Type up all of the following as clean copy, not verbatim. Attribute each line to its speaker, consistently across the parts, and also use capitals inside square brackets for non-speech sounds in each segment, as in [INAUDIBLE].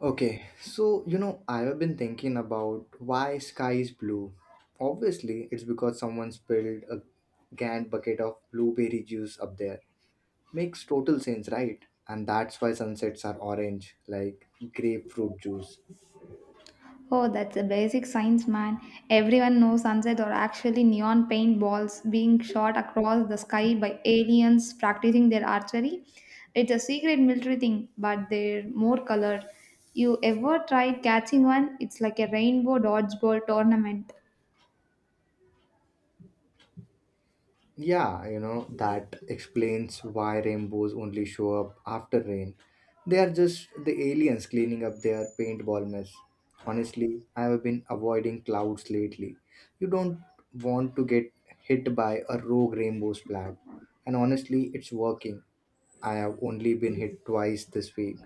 Speaker 1: Okay, so you know, I have been thinking about why sky is blue. Obviously, it's because someone spilled a giant bucket of blueberry juice up there. Makes total sense, right? And that's why sunsets are orange, like grapefruit juice.
Speaker 2: Oh, that's a basic science, man. Everyone knows sunsets are actually neon paintballs being shot across the sky by aliens practicing their archery. It's a secret military thing, but they're more colored. You ever tried catching one? It's like a rainbow dodgeball tournament.
Speaker 1: Yeah, you know, that explains why rainbows only show up after rain. They are just the aliens cleaning up their paintball mess. Honestly, I have been avoiding clouds lately. You don't want to get hit by a rogue rainbow splat. And honestly, it's working. I have only been hit twice this week.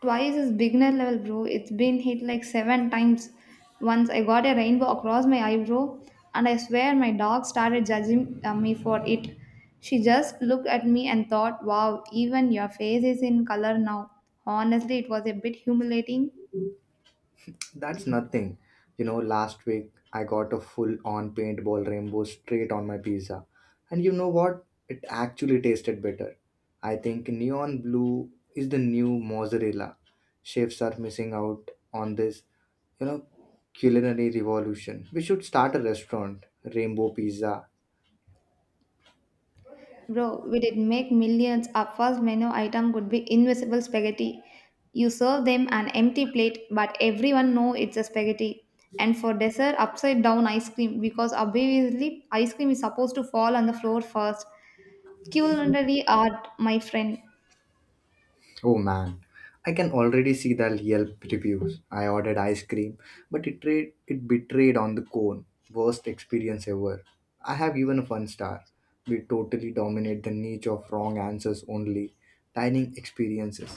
Speaker 2: Twice is beginner level, bro. It's been hit like seven times. Once I got a rainbow across my eyebrow, and I swear my dog started judging me for it. She just looked at me and thought, wow, even your face is in color now. Honestly, it was a bit humiliating.
Speaker 1: That's nothing. You know, last week I got a full on paintball rainbow straight on my pizza. And you know what? It actually tasted better. I think neon blue is the new mozzarella. Chefs are missing out on this, you know, culinary revolution. We should start a restaurant, Rainbow Pizza.
Speaker 2: Bro, we did make millions. Our first menu item could be invisible spaghetti. You serve them an empty plate, but everyone know it's a spaghetti. And for dessert, upside down ice cream because obviously ice cream is supposed to fall on the floor first. Culinary art, my friend.
Speaker 1: Oh man, I can already see the Yelp reviews. I ordered ice cream, but it trade it betrayed on the cone. Worst experience ever. I have even one star. We totally dominate the niche of wrong answers only. Dining experiences.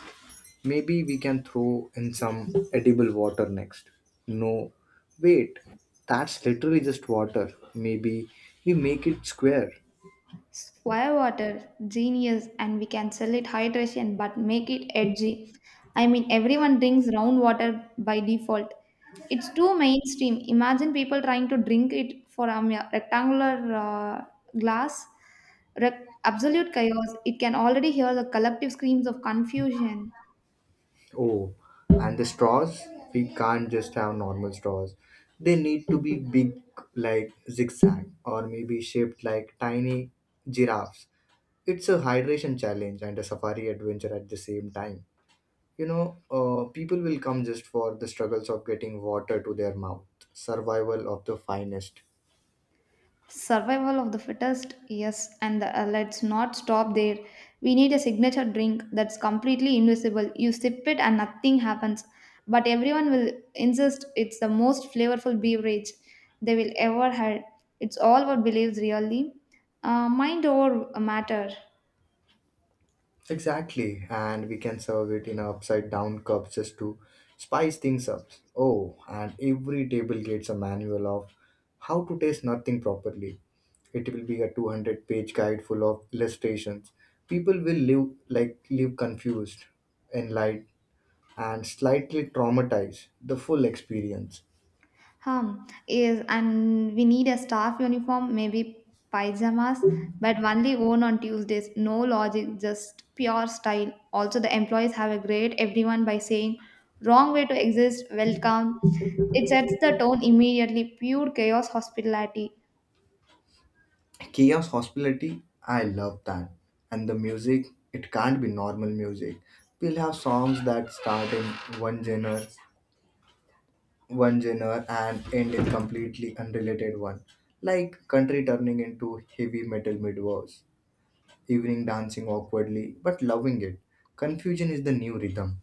Speaker 1: Maybe we can throw in some edible water next. No, wait, that's literally just water. Maybe we make it square.
Speaker 2: Square water, genius, and we can sell it hydration but make it edgy. I mean, everyone drinks round water by default. It's too mainstream. Imagine people trying to drink it for a mere rectangular uh, glass. Absolute chaos. It can already hear the collective screams of confusion.
Speaker 1: Oh, and the straws? We can't just have normal straws. They need to be big like zigzag or maybe shaped like tiny giraffes. It's a hydration challenge and a safari adventure at the same time. You know, people will come just for the struggles of getting water to their mouth. Survival of the finest.
Speaker 2: Survival of the fittest, yes, and let's not stop there. We need a signature drink that's completely invisible. You sip it and nothing happens, but everyone will insist it's the most flavorful beverage they will ever had. It's all what believes really. Mind over matter.
Speaker 1: Exactly, and we can serve it in upside down cups just to spice things up. Oh, and every table gets a manual of how to taste nothing properly. It will be a 200-page page guide full of illustrations. People will live confused, enlightened, and slightly traumatized. The full experience.
Speaker 2: Hmm. Is and we need a staff uniform, maybe pyjamas, but only worn on Tuesdays. No logic, just pure style. Also, the employees have a grade everyone by saying, wrong way to exist, welcome. It sets the tone immediately. Pure chaos hospitality.
Speaker 1: Chaos hospitality, I love that. And the music, it can't be normal music. We'll have songs that start in one genre one genre and end in completely unrelated one, like country turning into heavy metal midwars. Evening dancing awkwardly but loving it. Confusion is the new rhythm.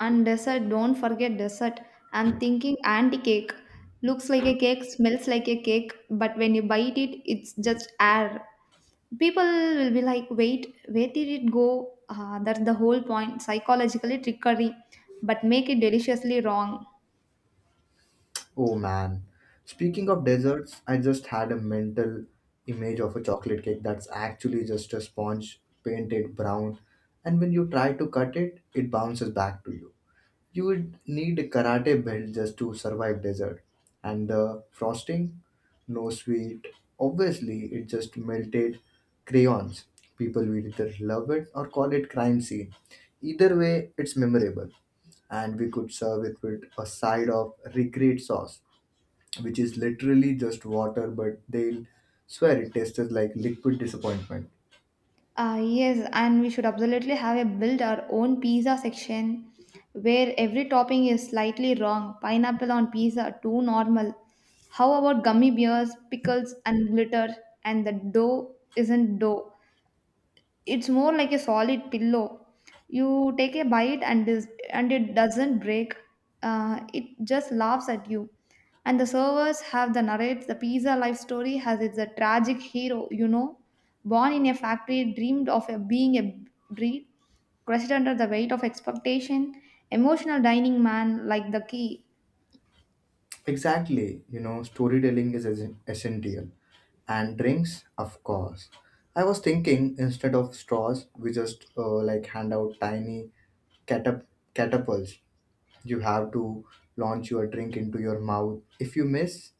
Speaker 2: And dessert, don't forget dessert. I'm thinking anti cake. Looks like a cake, smells like a cake, but when you bite it, it's just air. People will be like, wait, where did it go? That's the whole point, psychologically trickery, but make it deliciously wrong.
Speaker 1: Oh man. Speaking of desserts, I just had a mental image of a chocolate cake that's actually just a sponge painted brown, and when you try to cut it, it bounces back to you. You would need a karate belt just to survive desert. And the frosting? No sweet. Obviously, it just melted crayons. People will either love it or call it crime scene. Either way, it's memorable. And we could serve it with a side of recreate sauce, which is literally just water, but they'll swear it tastes like liquid disappointment.
Speaker 2: Yes, and we should absolutely have a build our own pizza section where every topping is slightly wrong. Pineapple on pizza, too normal. How about gummy bears, pickles, and glitter? And the dough isn't dough. It's more like a solid pillow. You take a bite and and it doesn't break. It just laughs at you. And the servers have the narrates the pizza life story. Has it's a tragic hero, you know, born in a factory, dreamed of a, being a breed, crushed under the weight of expectation, emotional dining, man, like the key.
Speaker 1: Exactly, you know, storytelling is essential. And drinks, of course. I was thinking instead of straws, we just like hand out tiny catap- catapults. You have to launch your drink into your mouth. If you miss,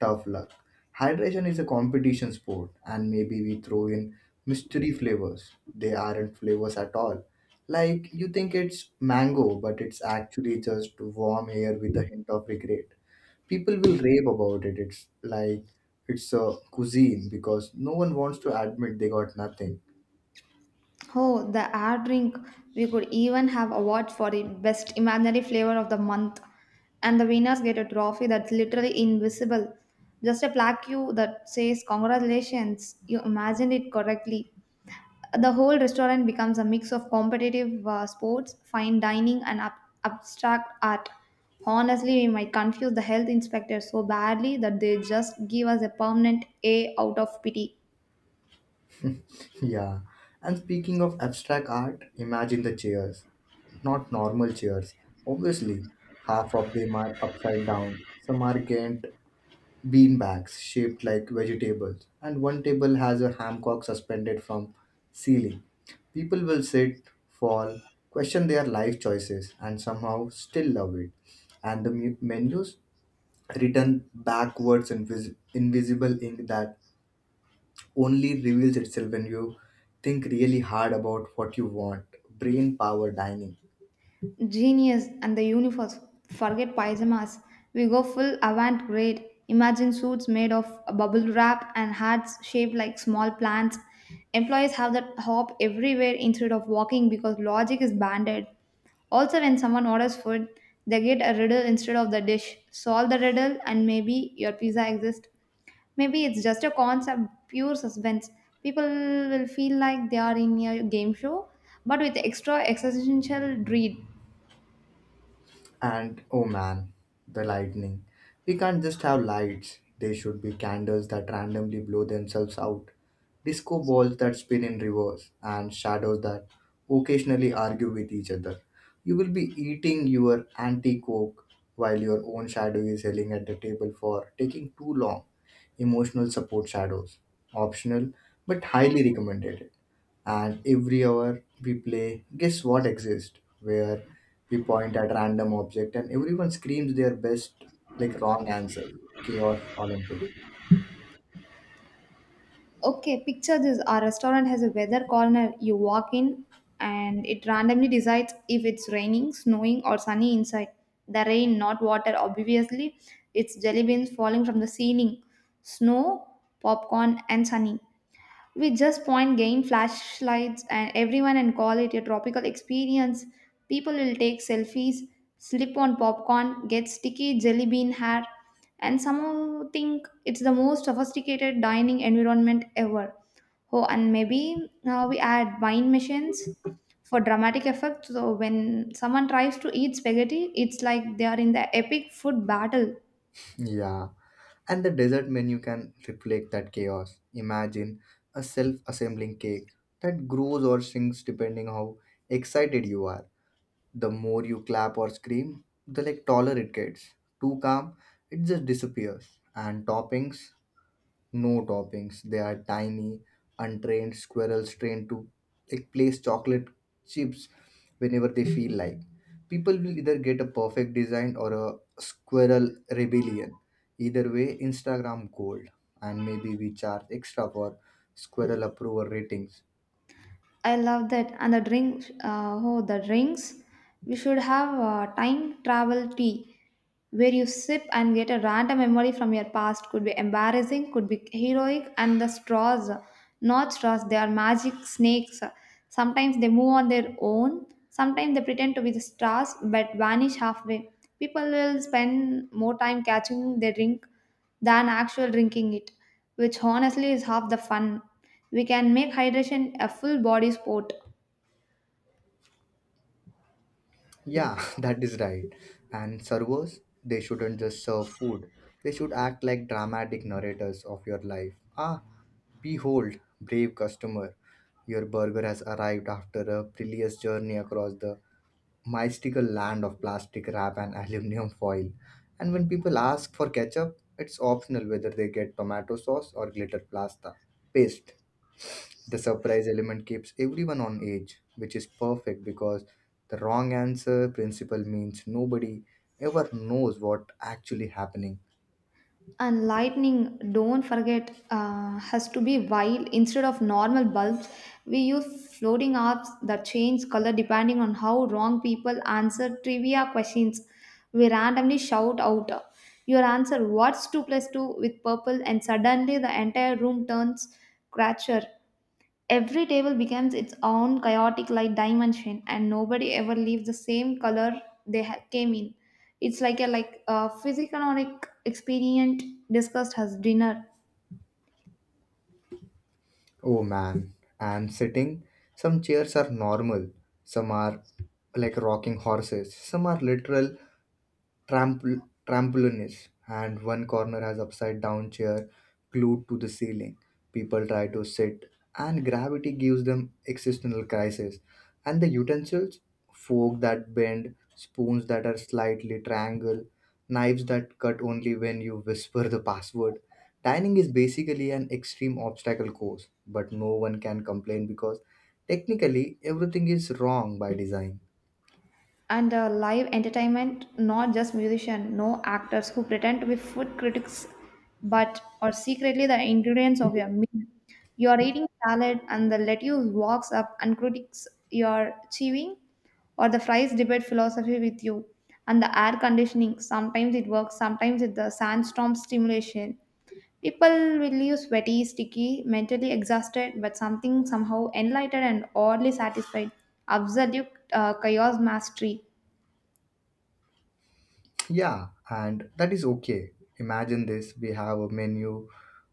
Speaker 1: tough luck. Hydration is a competition sport, and maybe we throw in mystery flavors. They aren't flavors at all. Like you think it's mango, but it's actually just warm air with a hint of regret. People will rave about it. It's like it's a cuisine because no one wants to admit they got nothing. [LAUGHS]
Speaker 2: Oh, the air drink. We could even have award for the best imaginary flavor of the month. And the winners get a trophy that's literally invisible. Just a plaque you that says congratulations, you imagined it correctly. The whole restaurant becomes a mix of competitive sports, fine dining, and abstract art. Honestly, we might confuse the health inspector so badly that they just give us a permanent A out of pity.
Speaker 1: Yeah. And speaking of abstract art, imagine the chairs. Not normal chairs. Obviously, half of them are upside down. Some are bent, bean bags shaped like vegetables, and one table has a hammock suspended from ceiling. People will sit, fall, question their life choices, and somehow still love it. And the menus, written backwards in invisible ink that only reveals itself when you think really hard about what you want. Brain power dining.
Speaker 2: Genius and the universe. Forget pyjamas. We go full avant garde. Imagine suits made of bubble wrap and hats shaped like small plants. Employees have that hop everywhere instead of walking because logic is banded. Also, when someone orders food, they get a riddle instead of the dish. Solve the riddle, and maybe your pizza exists. Maybe it's just a concept, pure suspense. People will feel like they are in a game show, but with extra existential dread.
Speaker 1: And oh man, the lightning. We can't just have lights. There should be candles that randomly blow themselves out, disco balls that spin in reverse, and shadows that occasionally argue with each other. You will be eating your anti coke while your own shadow is yelling at the table for taking too long. Emotional support shadows. Optional, but highly recommended. And every hour we play guess what exists where. We point at random object and everyone screams their best like wrong answer chaos olympics.
Speaker 2: Okay, picture this. Our restaurant has a weather corner. You walk in and it randomly decides if it's raining, snowing, or sunny inside. The rain, not water, obviously. It's jelly beans falling from the ceiling, snow, popcorn, and sunny. We just point game flashlights and everyone and call it a tropical experience. People will take selfies, slip on popcorn, get sticky jelly bean hair, and somehow think it's the most sophisticated dining environment ever. Oh, and maybe we add wine machines for dramatic effect. So when someone tries to eat spaghetti, it's like they are in the epic food battle.
Speaker 1: Yeah, and the dessert menu can reflect that chaos. Imagine a self-assembling cake that grows or shrinks depending how excited you are. The more you clap or scream the like taller it gets. Too calm, it just disappears. And toppings, no toppings. They are tiny, untrained squirrels trained to like place chocolate chips whenever they feel like. People will either get a perfect design or a squirrel rebellion. Either way, Instagram gold, and maybe we charge extra for squirrel approval ratings.
Speaker 2: I love that. And the drink, oh, the drinks. We should have time travel tea where you sip and get a random memory from your past. Could be embarrassing, could be heroic, and the straws. Not straws, they are magic snakes. Sometimes they move on their own, sometimes they pretend to be the straws but vanish halfway. People will spend more time catching their drink than actual drinking it, which honestly is half the fun. We can make hydration a full body sport.
Speaker 1: Yeah, [LAUGHS] that is right. And servers, they shouldn't just serve food. They should act like dramatic narrators of your life. Ah, behold, brave customer. Your burger has arrived after a perilous journey across the mystical land of plastic wrap and [LAUGHS] aluminum foil. And when people ask for ketchup, it's optional whether they get tomato sauce or glitter pasta paste. The surprise element keeps everyone on edge, which is perfect because the wrong answer principle means nobody ever knows what actually happening.
Speaker 2: And lightning, don't forget, has to be wild. Instead of normal bulbs, we use floating orbs that change color depending on how wrong people answer trivia questions. We randomly shout out, your answer, what's 2 plus 2 with purple, and suddenly the entire room turns cracker. Every table becomes its own chaotic light dimension, and nobody ever leaves the same color they came in. It's like a physiognomic expedient discussed as dinner.
Speaker 1: Oh man, and sitting, some chairs are normal, some are like rocking horses, some are literal trampolinist, and one corner has upside down chair glued to the ceiling. People try to sit, and gravity gives them existential crisis. And the utensils, fork that bend, spoons that are slightly triangle, knives that cut only when you whisper the password. Dining is basically an extreme obstacle course, but no one can complain because technically everything is wrong by design.
Speaker 2: And live entertainment, not just musician, no, actors who pretend to be food critics but are secretly the ingredients of your meal. You are eating salad and the lettuce walks up and critics your chewing, or the fries debate philosophy with you. And the air conditioning, sometimes it works, sometimes it's the sandstorm stimulation. People will leave sweaty, sticky, mentally exhausted, but something somehow enlightened and oddly satisfied. Absolute chaos mastery.
Speaker 1: Yeah, and that is okay. Imagine this, we have a menu,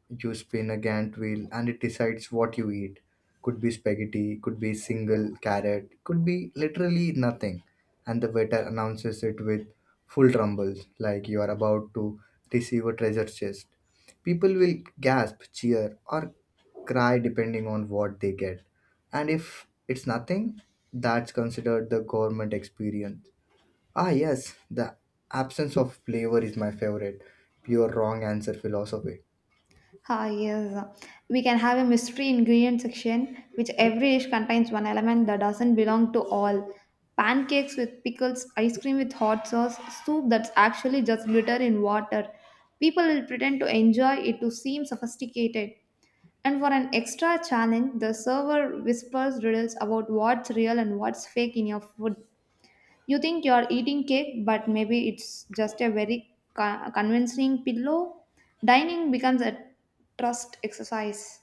Speaker 1: you spin a Gantt wheel, and it decides what you eat. Could be spaghetti, could be single carrot, could be literally nothing. And the waiter announces it with full rumbles, like you are about to receive a treasure chest. People will gasp, cheer, or cry depending on what they get. And if it's nothing, that's considered the government experience. Ah, yes, the absence of flavor is my favorite. Pure wrong answer philosophy.
Speaker 2: Ah, yes. We can have a mystery ingredient section, which every dish contains one element that doesn't belong to all. Pancakes with pickles, ice cream with hot sauce, soup that's actually just glitter in water. People will pretend to enjoy it to seem sophisticated. And for an extra challenge, the server whispers riddles about what's real and what's fake in your food. You think you're eating cake, but maybe it's just a very convincing pillow. Dining becomes a trust exercise.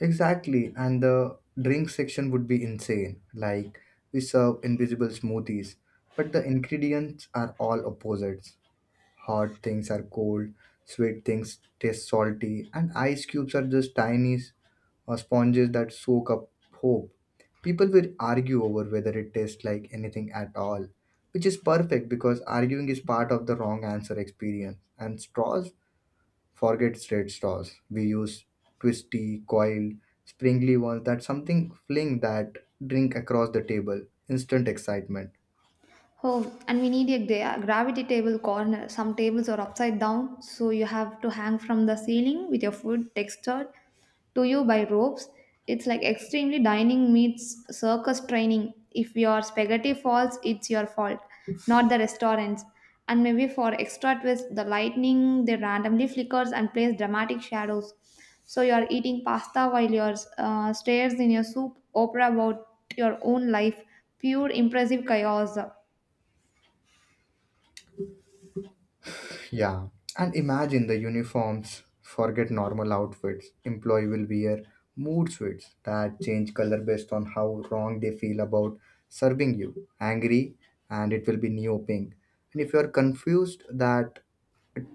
Speaker 1: Exactly, and the drink section would be insane. Like, we serve invisible smoothies, but the ingredients are all opposites. Hot things are cold, sweet things taste salty, and ice cubes are just tiny sponges that soak up hope. People will argue over whether it tastes like anything at all, which is perfect because arguing is part of the wrong answer experience. And straws, forget straight straws. We use twisty, coiled, springly ones that something fling that drink across the table. Instant excitement.
Speaker 2: Home, and we need a gravity table corner. Some tables are upside down, so you have to hang from the ceiling with your food textured to you by ropes. It's like extremely dining meets circus training. If your spaghetti falls, it's your fault, not the restaurant's. And maybe for extra twist, the lightning, they randomly flickers and plays dramatic shadows, so you are eating pasta while you're stares in your soup opera about your own life. Pure impressive chaos.
Speaker 1: Yeah, and imagine the uniforms. Forget normal outfits. Employee will wear mood suits that change color based on how wrong they feel about serving you. Angry, and it will be neo pink. And if you are confused, that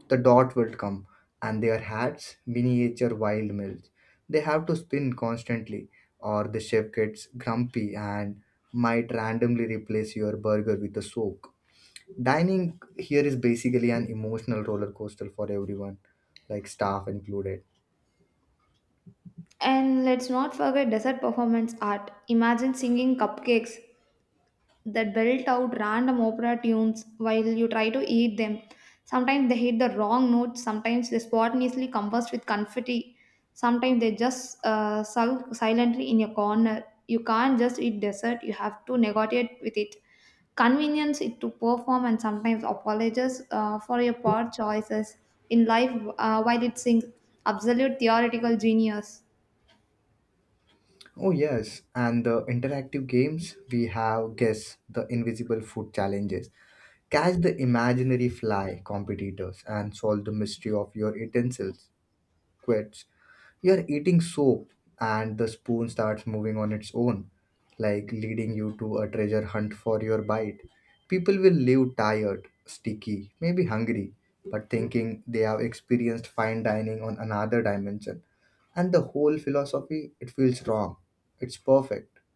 Speaker 1: the dot will come. And their hats, miniature wild mills. They have to spin constantly, or the chef gets grumpy and might randomly replace your burger with a soak. Dining here is basically an emotional roller coaster for everyone, like staff included.
Speaker 2: And let's not forget desert performance art. Imagine singing cupcakes that belt out random opera tunes while you try to eat them. Sometimes they hit the wrong notes, sometimes they spontaneously combust with confetti, sometimes they just sulk silently in your corner. You can't just eat dessert, you have to negotiate with it. Convenience it to perform and sometimes apologize for your poor choices in life while it sings. Absolute theoretical genius.
Speaker 1: Oh, yes, and the interactive games we have, guess the invisible food challenges, catch the imaginary fly competitors, and solve the mystery of your utensils. Quits. You're eating soap, and the spoon starts moving on its own, like leading you to a treasure hunt for your bite. People will leave tired, sticky, maybe hungry, but thinking they have experienced fine dining on another dimension. And the whole philosophy, it feels wrong. It's perfect. [LAUGHS]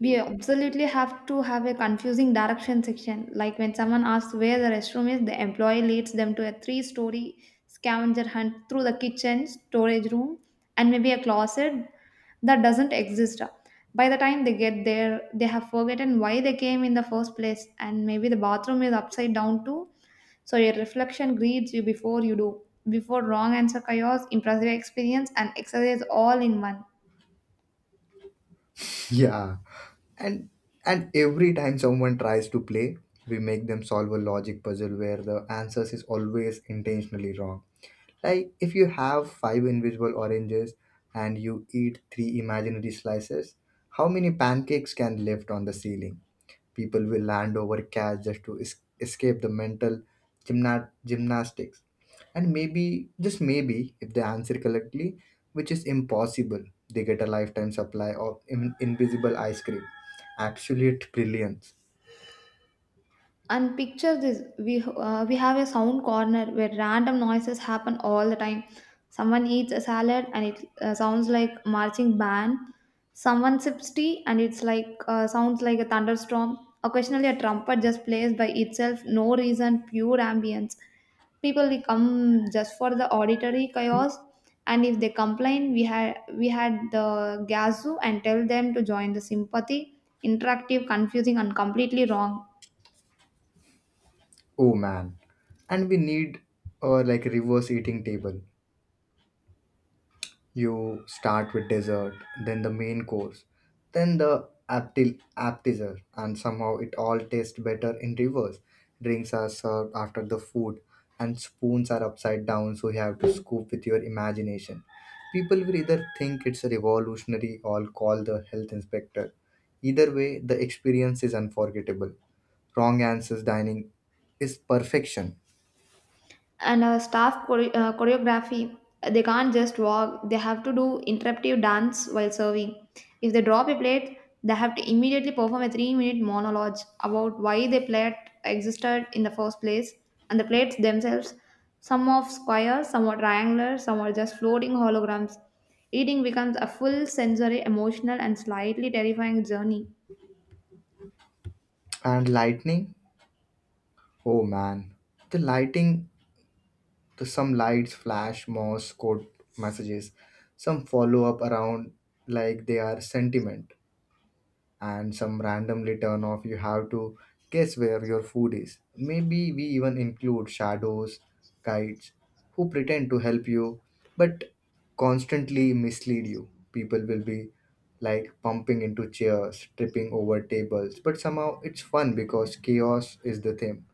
Speaker 2: We absolutely have to have a confusing direction section. Like when someone asks where the restroom is, the employee leads them to a 3-story scavenger hunt through the kitchen, storage room, and maybe a closet that doesn't exist. By the time they get there, they have forgotten why they came in the first place, and maybe the bathroom is upside down too. So your reflection greets you before you do. Before wrong answer chaos, impressive experience, and exercise all in one.
Speaker 1: Yeah. And and every time someone tries to play, we make them solve a logic puzzle where the answers is always intentionally wrong. Like if you have five invisible oranges and you eat three imaginary slices, how many pancakes can left on the ceiling? People will land over cash just to escape the mental gymnastics. And maybe, just maybe, if they answer correctly, which is impossible, they get a lifetime supply of invisible ice cream. Absolute brilliance.
Speaker 2: And picture this, we have a sound corner where random noises happen all the time. Someone eats a salad and it sounds like marching band. Someone sips tea and it's like, sounds like a thunderstorm. Occasionally a trumpet just plays by itself, no reason, pure ambience. People, they come just for the auditory chaos. And if they complain, we had the gazoo and tell them to join the sympathy. Interactive, confusing, and completely wrong.
Speaker 1: Oh man. And we need or like reverse eating table. You start with dessert, then the main course, then the appetizer, and somehow it all tastes better in reverse. Drinks are served after the food, and spoons are upside down, so you have to scoop with your imagination. People will either think it's revolutionary or call the health inspector. Either way, the experience is unforgettable. Wrong answers dining is perfection.
Speaker 2: And staff choreography, they can't just walk, they have to do interruptive dance while serving. If they drop a plate, they have to immediately perform a 3-minute monologue about why the plate existed in the first place. And the plates themselves, some are square, some are triangular, some are just floating holograms. Eating becomes a full sensory, emotional, and slightly terrifying journey.
Speaker 1: And lightning oh man, the lighting. To some, lights flash morse code messages, some follow up around like they are sentiment, and some randomly turn off. You have to guess where your food is. Maybe we even include shadows guides who pretend to help you but constantly mislead you. People will be like pumping into chairs, tripping over tables, but somehow it's fun because chaos is the theme.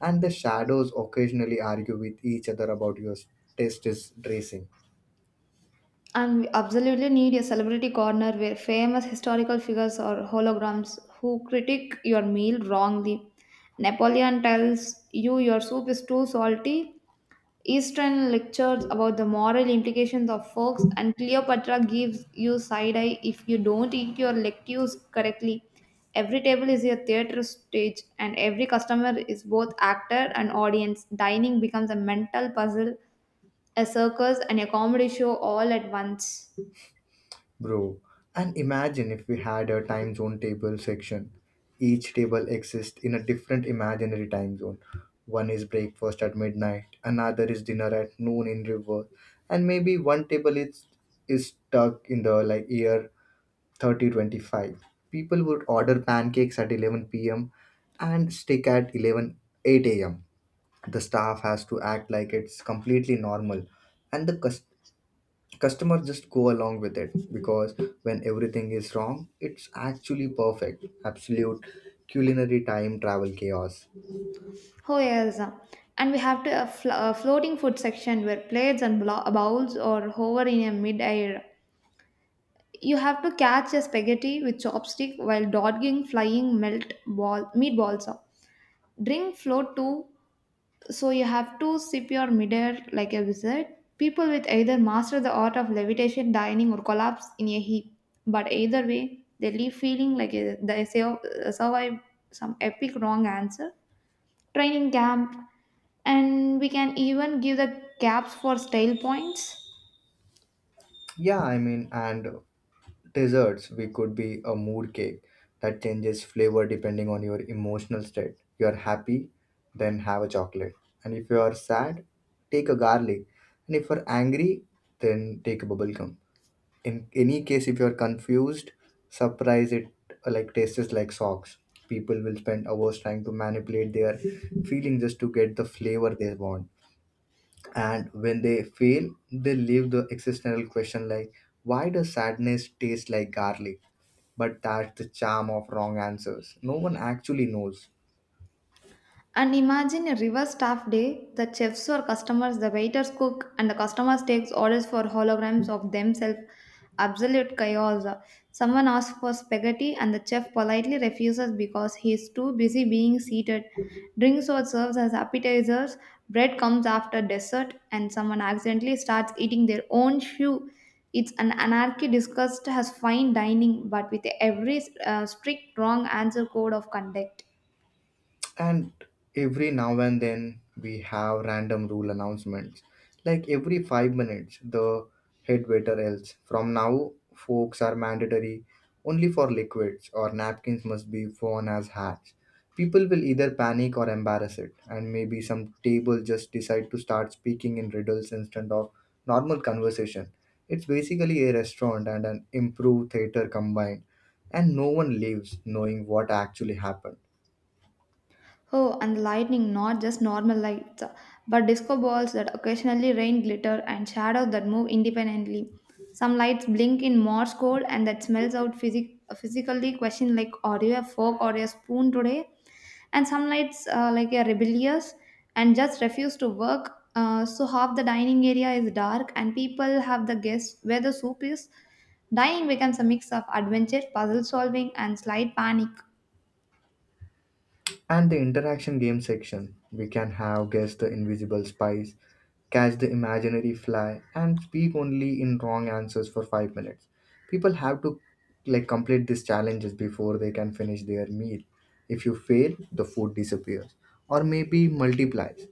Speaker 1: And the shadows occasionally argue with each other about your taste is dressing.
Speaker 2: And we absolutely need a celebrity corner where famous historical figures or holograms who critique your meal wrongly. Napoleon tells you your soup is too salty. Eastern lectures about the moral implications of forks, and Cleopatra gives you side eye if you don't eat your lettuce correctly. Every table is a theater stage, and every customer is both actor and audience. Dining becomes a mental puzzle, a circus, and a comedy show all at once.
Speaker 1: Bro, and imagine if we had a time zone table section. Each table exists in a different imaginary time zone. One is breakfast at midnight, another is dinner at noon in reverse, and maybe one table is stuck in the like year 3025. People would order pancakes at 11 p.m. and stick at 11 8 a.m. The staff has to act like it's completely normal, and customers just go along with it because when everything is wrong, it's actually perfect. Absolute culinary time travel chaos.
Speaker 2: Oh yes, and we have to a floating food section where plates and bowls or hover in a mid-air. You have to catch a spaghetti with chopstick while dodging flying melt ball meatballs. Drink float too, so you have to sip your midair like a wizard. People with either master the art of levitation, dining, or collapse in a heap. But either way, they leave feeling like survived some epic wrong answer training camp, and we can even give the gaps for style points.
Speaker 1: Yeah, I mean, and desserts, we could be a mood cake that changes flavor depending on your emotional state. You are happy, then have a chocolate. And if you are sad, take a garlic. And if you're angry, then take a bubblegum. In any case, if you're confused, surprise it, like tastes like socks. People will spend hours trying to manipulate their feelings just to get the flavor they want, and when they fail, they leave the existential question, like, why does sadness taste like garlic? But that's the charm of wrong answers. No one actually knows.
Speaker 2: And imagine a reverse staff day. The chefs or customers, the waiters cook, and the customers takes orders for holograms of themselves. Absolute chaos. Someone asks for spaghetti, and the chef politely refuses because he is too busy being seated. Drinks are served as appetizers. Bread comes after dessert, and someone accidentally starts eating their own shoe. It's an anarchy discussed as fine dining, but with every strict wrong answer code of conduct.
Speaker 1: And every now and then we have random rule announcements. Like every 5 minutes, the head waiter yells, "From now, forks are mandatory only for liquids," or "napkins must be worn as hats." People will either panic or embarrass it, and maybe some table just decide to start speaking in riddles instead of normal conversation. It's basically a restaurant and an improv theater combined, and no one leaves knowing what actually happened.
Speaker 2: Oh, and the lightning, not just normal lights, but disco balls that occasionally rain glitter and shadows that move independently. Some lights blink in Morse code and that smells out physically question like, are you a fork or a spoon today? And some lights like are rebellious and just refuse to work. So half the dining area is dark and people have the guess where the soup is. Dining becomes a mix of adventure, puzzle solving and slight panic.
Speaker 1: And the interaction game section. We can have guess the invisible spies, catch the imaginary fly, and speak only in wrong answers for 5 minutes. People have to complete these challenges before they can finish their meal. If you fail, the food disappears or maybe multiplies.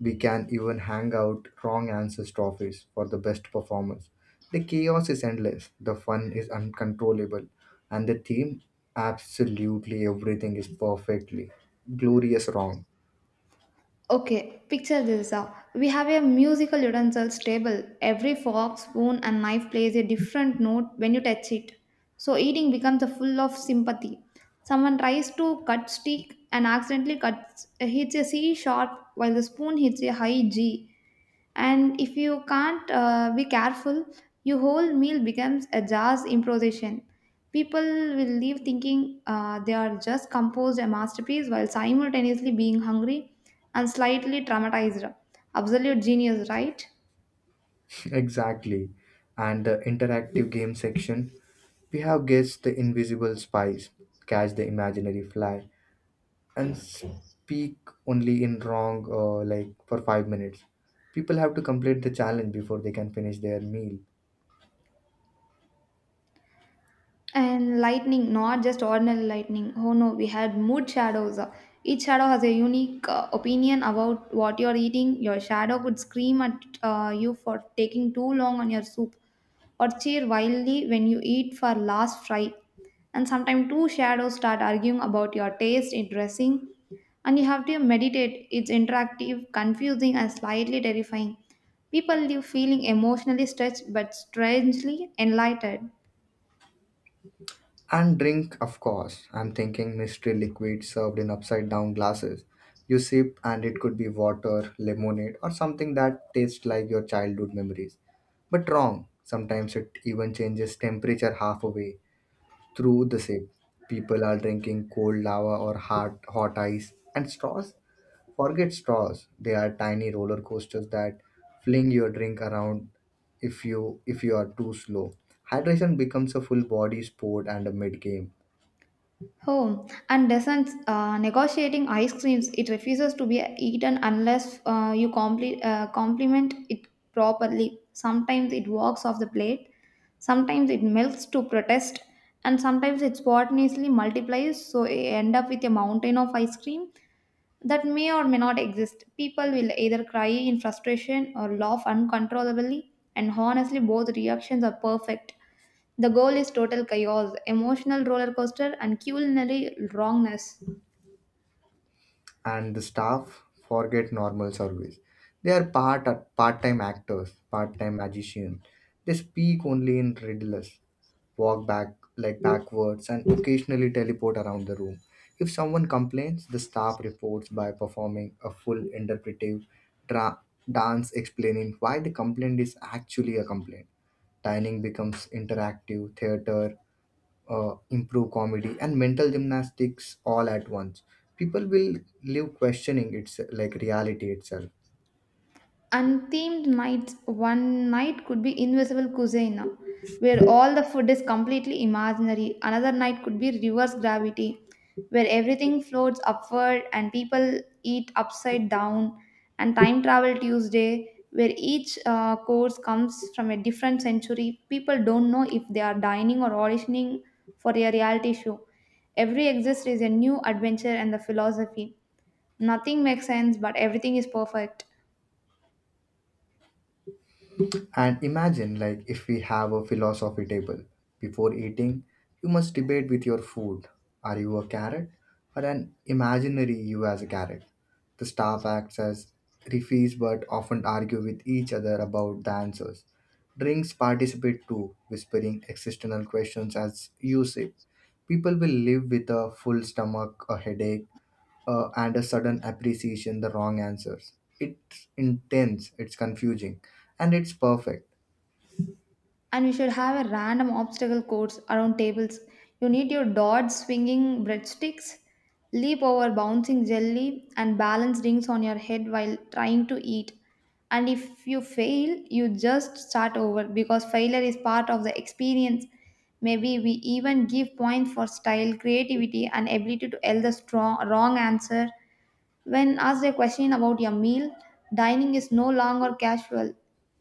Speaker 1: We can even hang out wrong answers trophies for the best performers. The chaos is endless, the fun is uncontrollable, and the theme, absolutely everything is perfectly glorious wrong.
Speaker 2: Okay, picture this. We have a musical utensils table. Every fork, spoon, and knife plays a different note when you touch it. So eating becomes a full of sympathy. Someone tries to cut stick and accidentally cuts hits a C sharp while the spoon hits a high G. And if you can't be careful, your whole meal becomes a jazz improvisation. People will leave thinking they are just composed a masterpiece while simultaneously being hungry and slightly traumatized. Absolute genius, right?
Speaker 1: [LAUGHS] Exactly. And the interactive game section, we have guessed the invisible spies, catch the imaginary fly, and speak only in wrong, like, for 5 minutes. People have to complete the challenge before they can finish their meal.
Speaker 2: And lightning, not just ordinary lightning. Oh no, we had mood shadows. Each shadow has a unique opinion about what you're eating. Your shadow could scream at you for taking too long on your soup, or cheer wildly when you eat for last fry. And sometimes two shadows start arguing about your taste in dressing, and you have to meditate. It's interactive, confusing, and slightly terrifying. People leave feeling emotionally stretched but strangely enlightened.
Speaker 1: And drink, of course. I'm thinking mystery liquid served in upside down glasses. You sip, and it could be water, lemonade, or something that tastes like your childhood memories. But wrong. Sometimes it even changes temperature half away, through the sip. People are drinking cold lava or hot, hot ice and straws. Forget straws. They are tiny roller coasters that fling your drink around if you are too slow. Hydration becomes a full body sport and a mid game.
Speaker 2: Oh, and doesn't negotiating ice creams, it refuses to be eaten unless you compliment it properly. Sometimes it walks off the plate, sometimes it melts to protest, and sometimes it spontaneously multiplies, so you end up with a mountain of ice cream that may or may not exist. People will either cry in frustration or laugh uncontrollably, and honestly, both reactions are perfect. The goal is total chaos, emotional roller coaster, and culinary wrongness.
Speaker 1: And the staff, forget normal service. They are part-time actors, part-time magicians. They speak only in riddles, walk back like backwards, and occasionally teleport around the room. If someone complains, the staff reports by performing a full interpretive dra- dance explaining why the complaint is actually a complaint. Dining becomes interactive theater, improve comedy, and mental gymnastics all at once. People will live questioning its like reality itself.
Speaker 2: Unthemed nights, one night could be invisible cuisine, where all the food is completely imaginary. Another night could be reverse gravity, where everything floats upward and people eat upside down. And time travel Tuesday, where each course comes from a different century. People don't know if they are dining or auditioning for a reality show. Every exist is a new adventure and the philosophy. Nothing makes sense, but everything is perfect.
Speaker 1: And imagine, like, if we have a philosophy table. Before eating, you must debate with your food. Are you a carrot or an imaginary you as a carrot? The staff acts as referees but often argue with each other about the answers. Drinks participate too, whispering existential questions as you sip. People will live with a full stomach, a headache, and a sudden appreciation the wrong answers. It's intense, it's confusing, and it's perfect.
Speaker 2: And you should have a random obstacle course around tables. You need your dodge swinging breadsticks, leap over bouncing jelly, and balance rings on your head while trying to eat. And if you fail, you just start over because failure is part of the experience. Maybe we even give points for style, creativity, and ability to tell the strong, wrong answer. When asked a question about your meal, dining is no longer casual,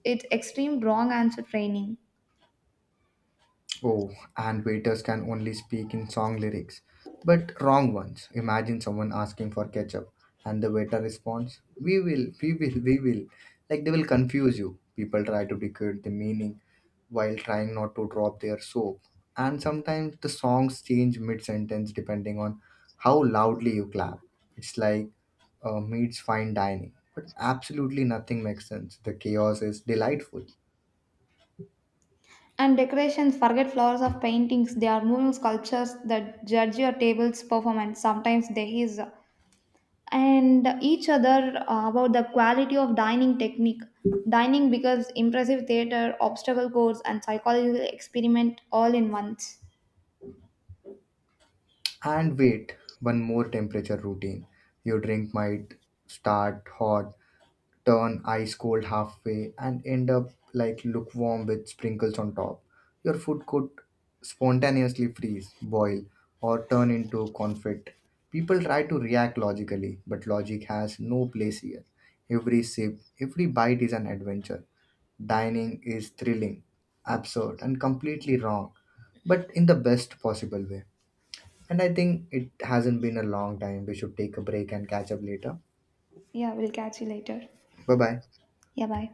Speaker 2: it's extreme wrong answer training.
Speaker 1: Oh, and waiters can only speak in song lyrics, but wrong ones. Imagine someone asking for ketchup, and the waiter responds, "We will, we will, we will." Like they will confuse you. People try to decode the meaning while trying not to drop their soap. And sometimes the songs change mid-sentence depending on how loudly you clap. It's like, meets fine dining, but absolutely nothing makes sense. The chaos is delightful.
Speaker 2: And decorations, forget flowers of paintings. They are moving sculptures that judge your table's performance. Sometimes there is, and each other about the quality of dining technique. Dining becomes impressive theater, obstacle course, and psychological experiment all in once.
Speaker 1: And wait, one more, temperature routine. Your drink might start hot, turn ice cold halfway, and end up like lukewarm with sprinkles on top. Your food could spontaneously freeze, boil, or turn into confit. People try to react logically, but logic has no place here. Every sip, every bite is an adventure. Dining is thrilling, absurd, and completely wrong, but in the best possible way. And I think it hasn't been a long time. We should take a break and catch up later.
Speaker 2: Yeah, we'll catch you later.
Speaker 1: Bye bye.
Speaker 2: Yeah, bye.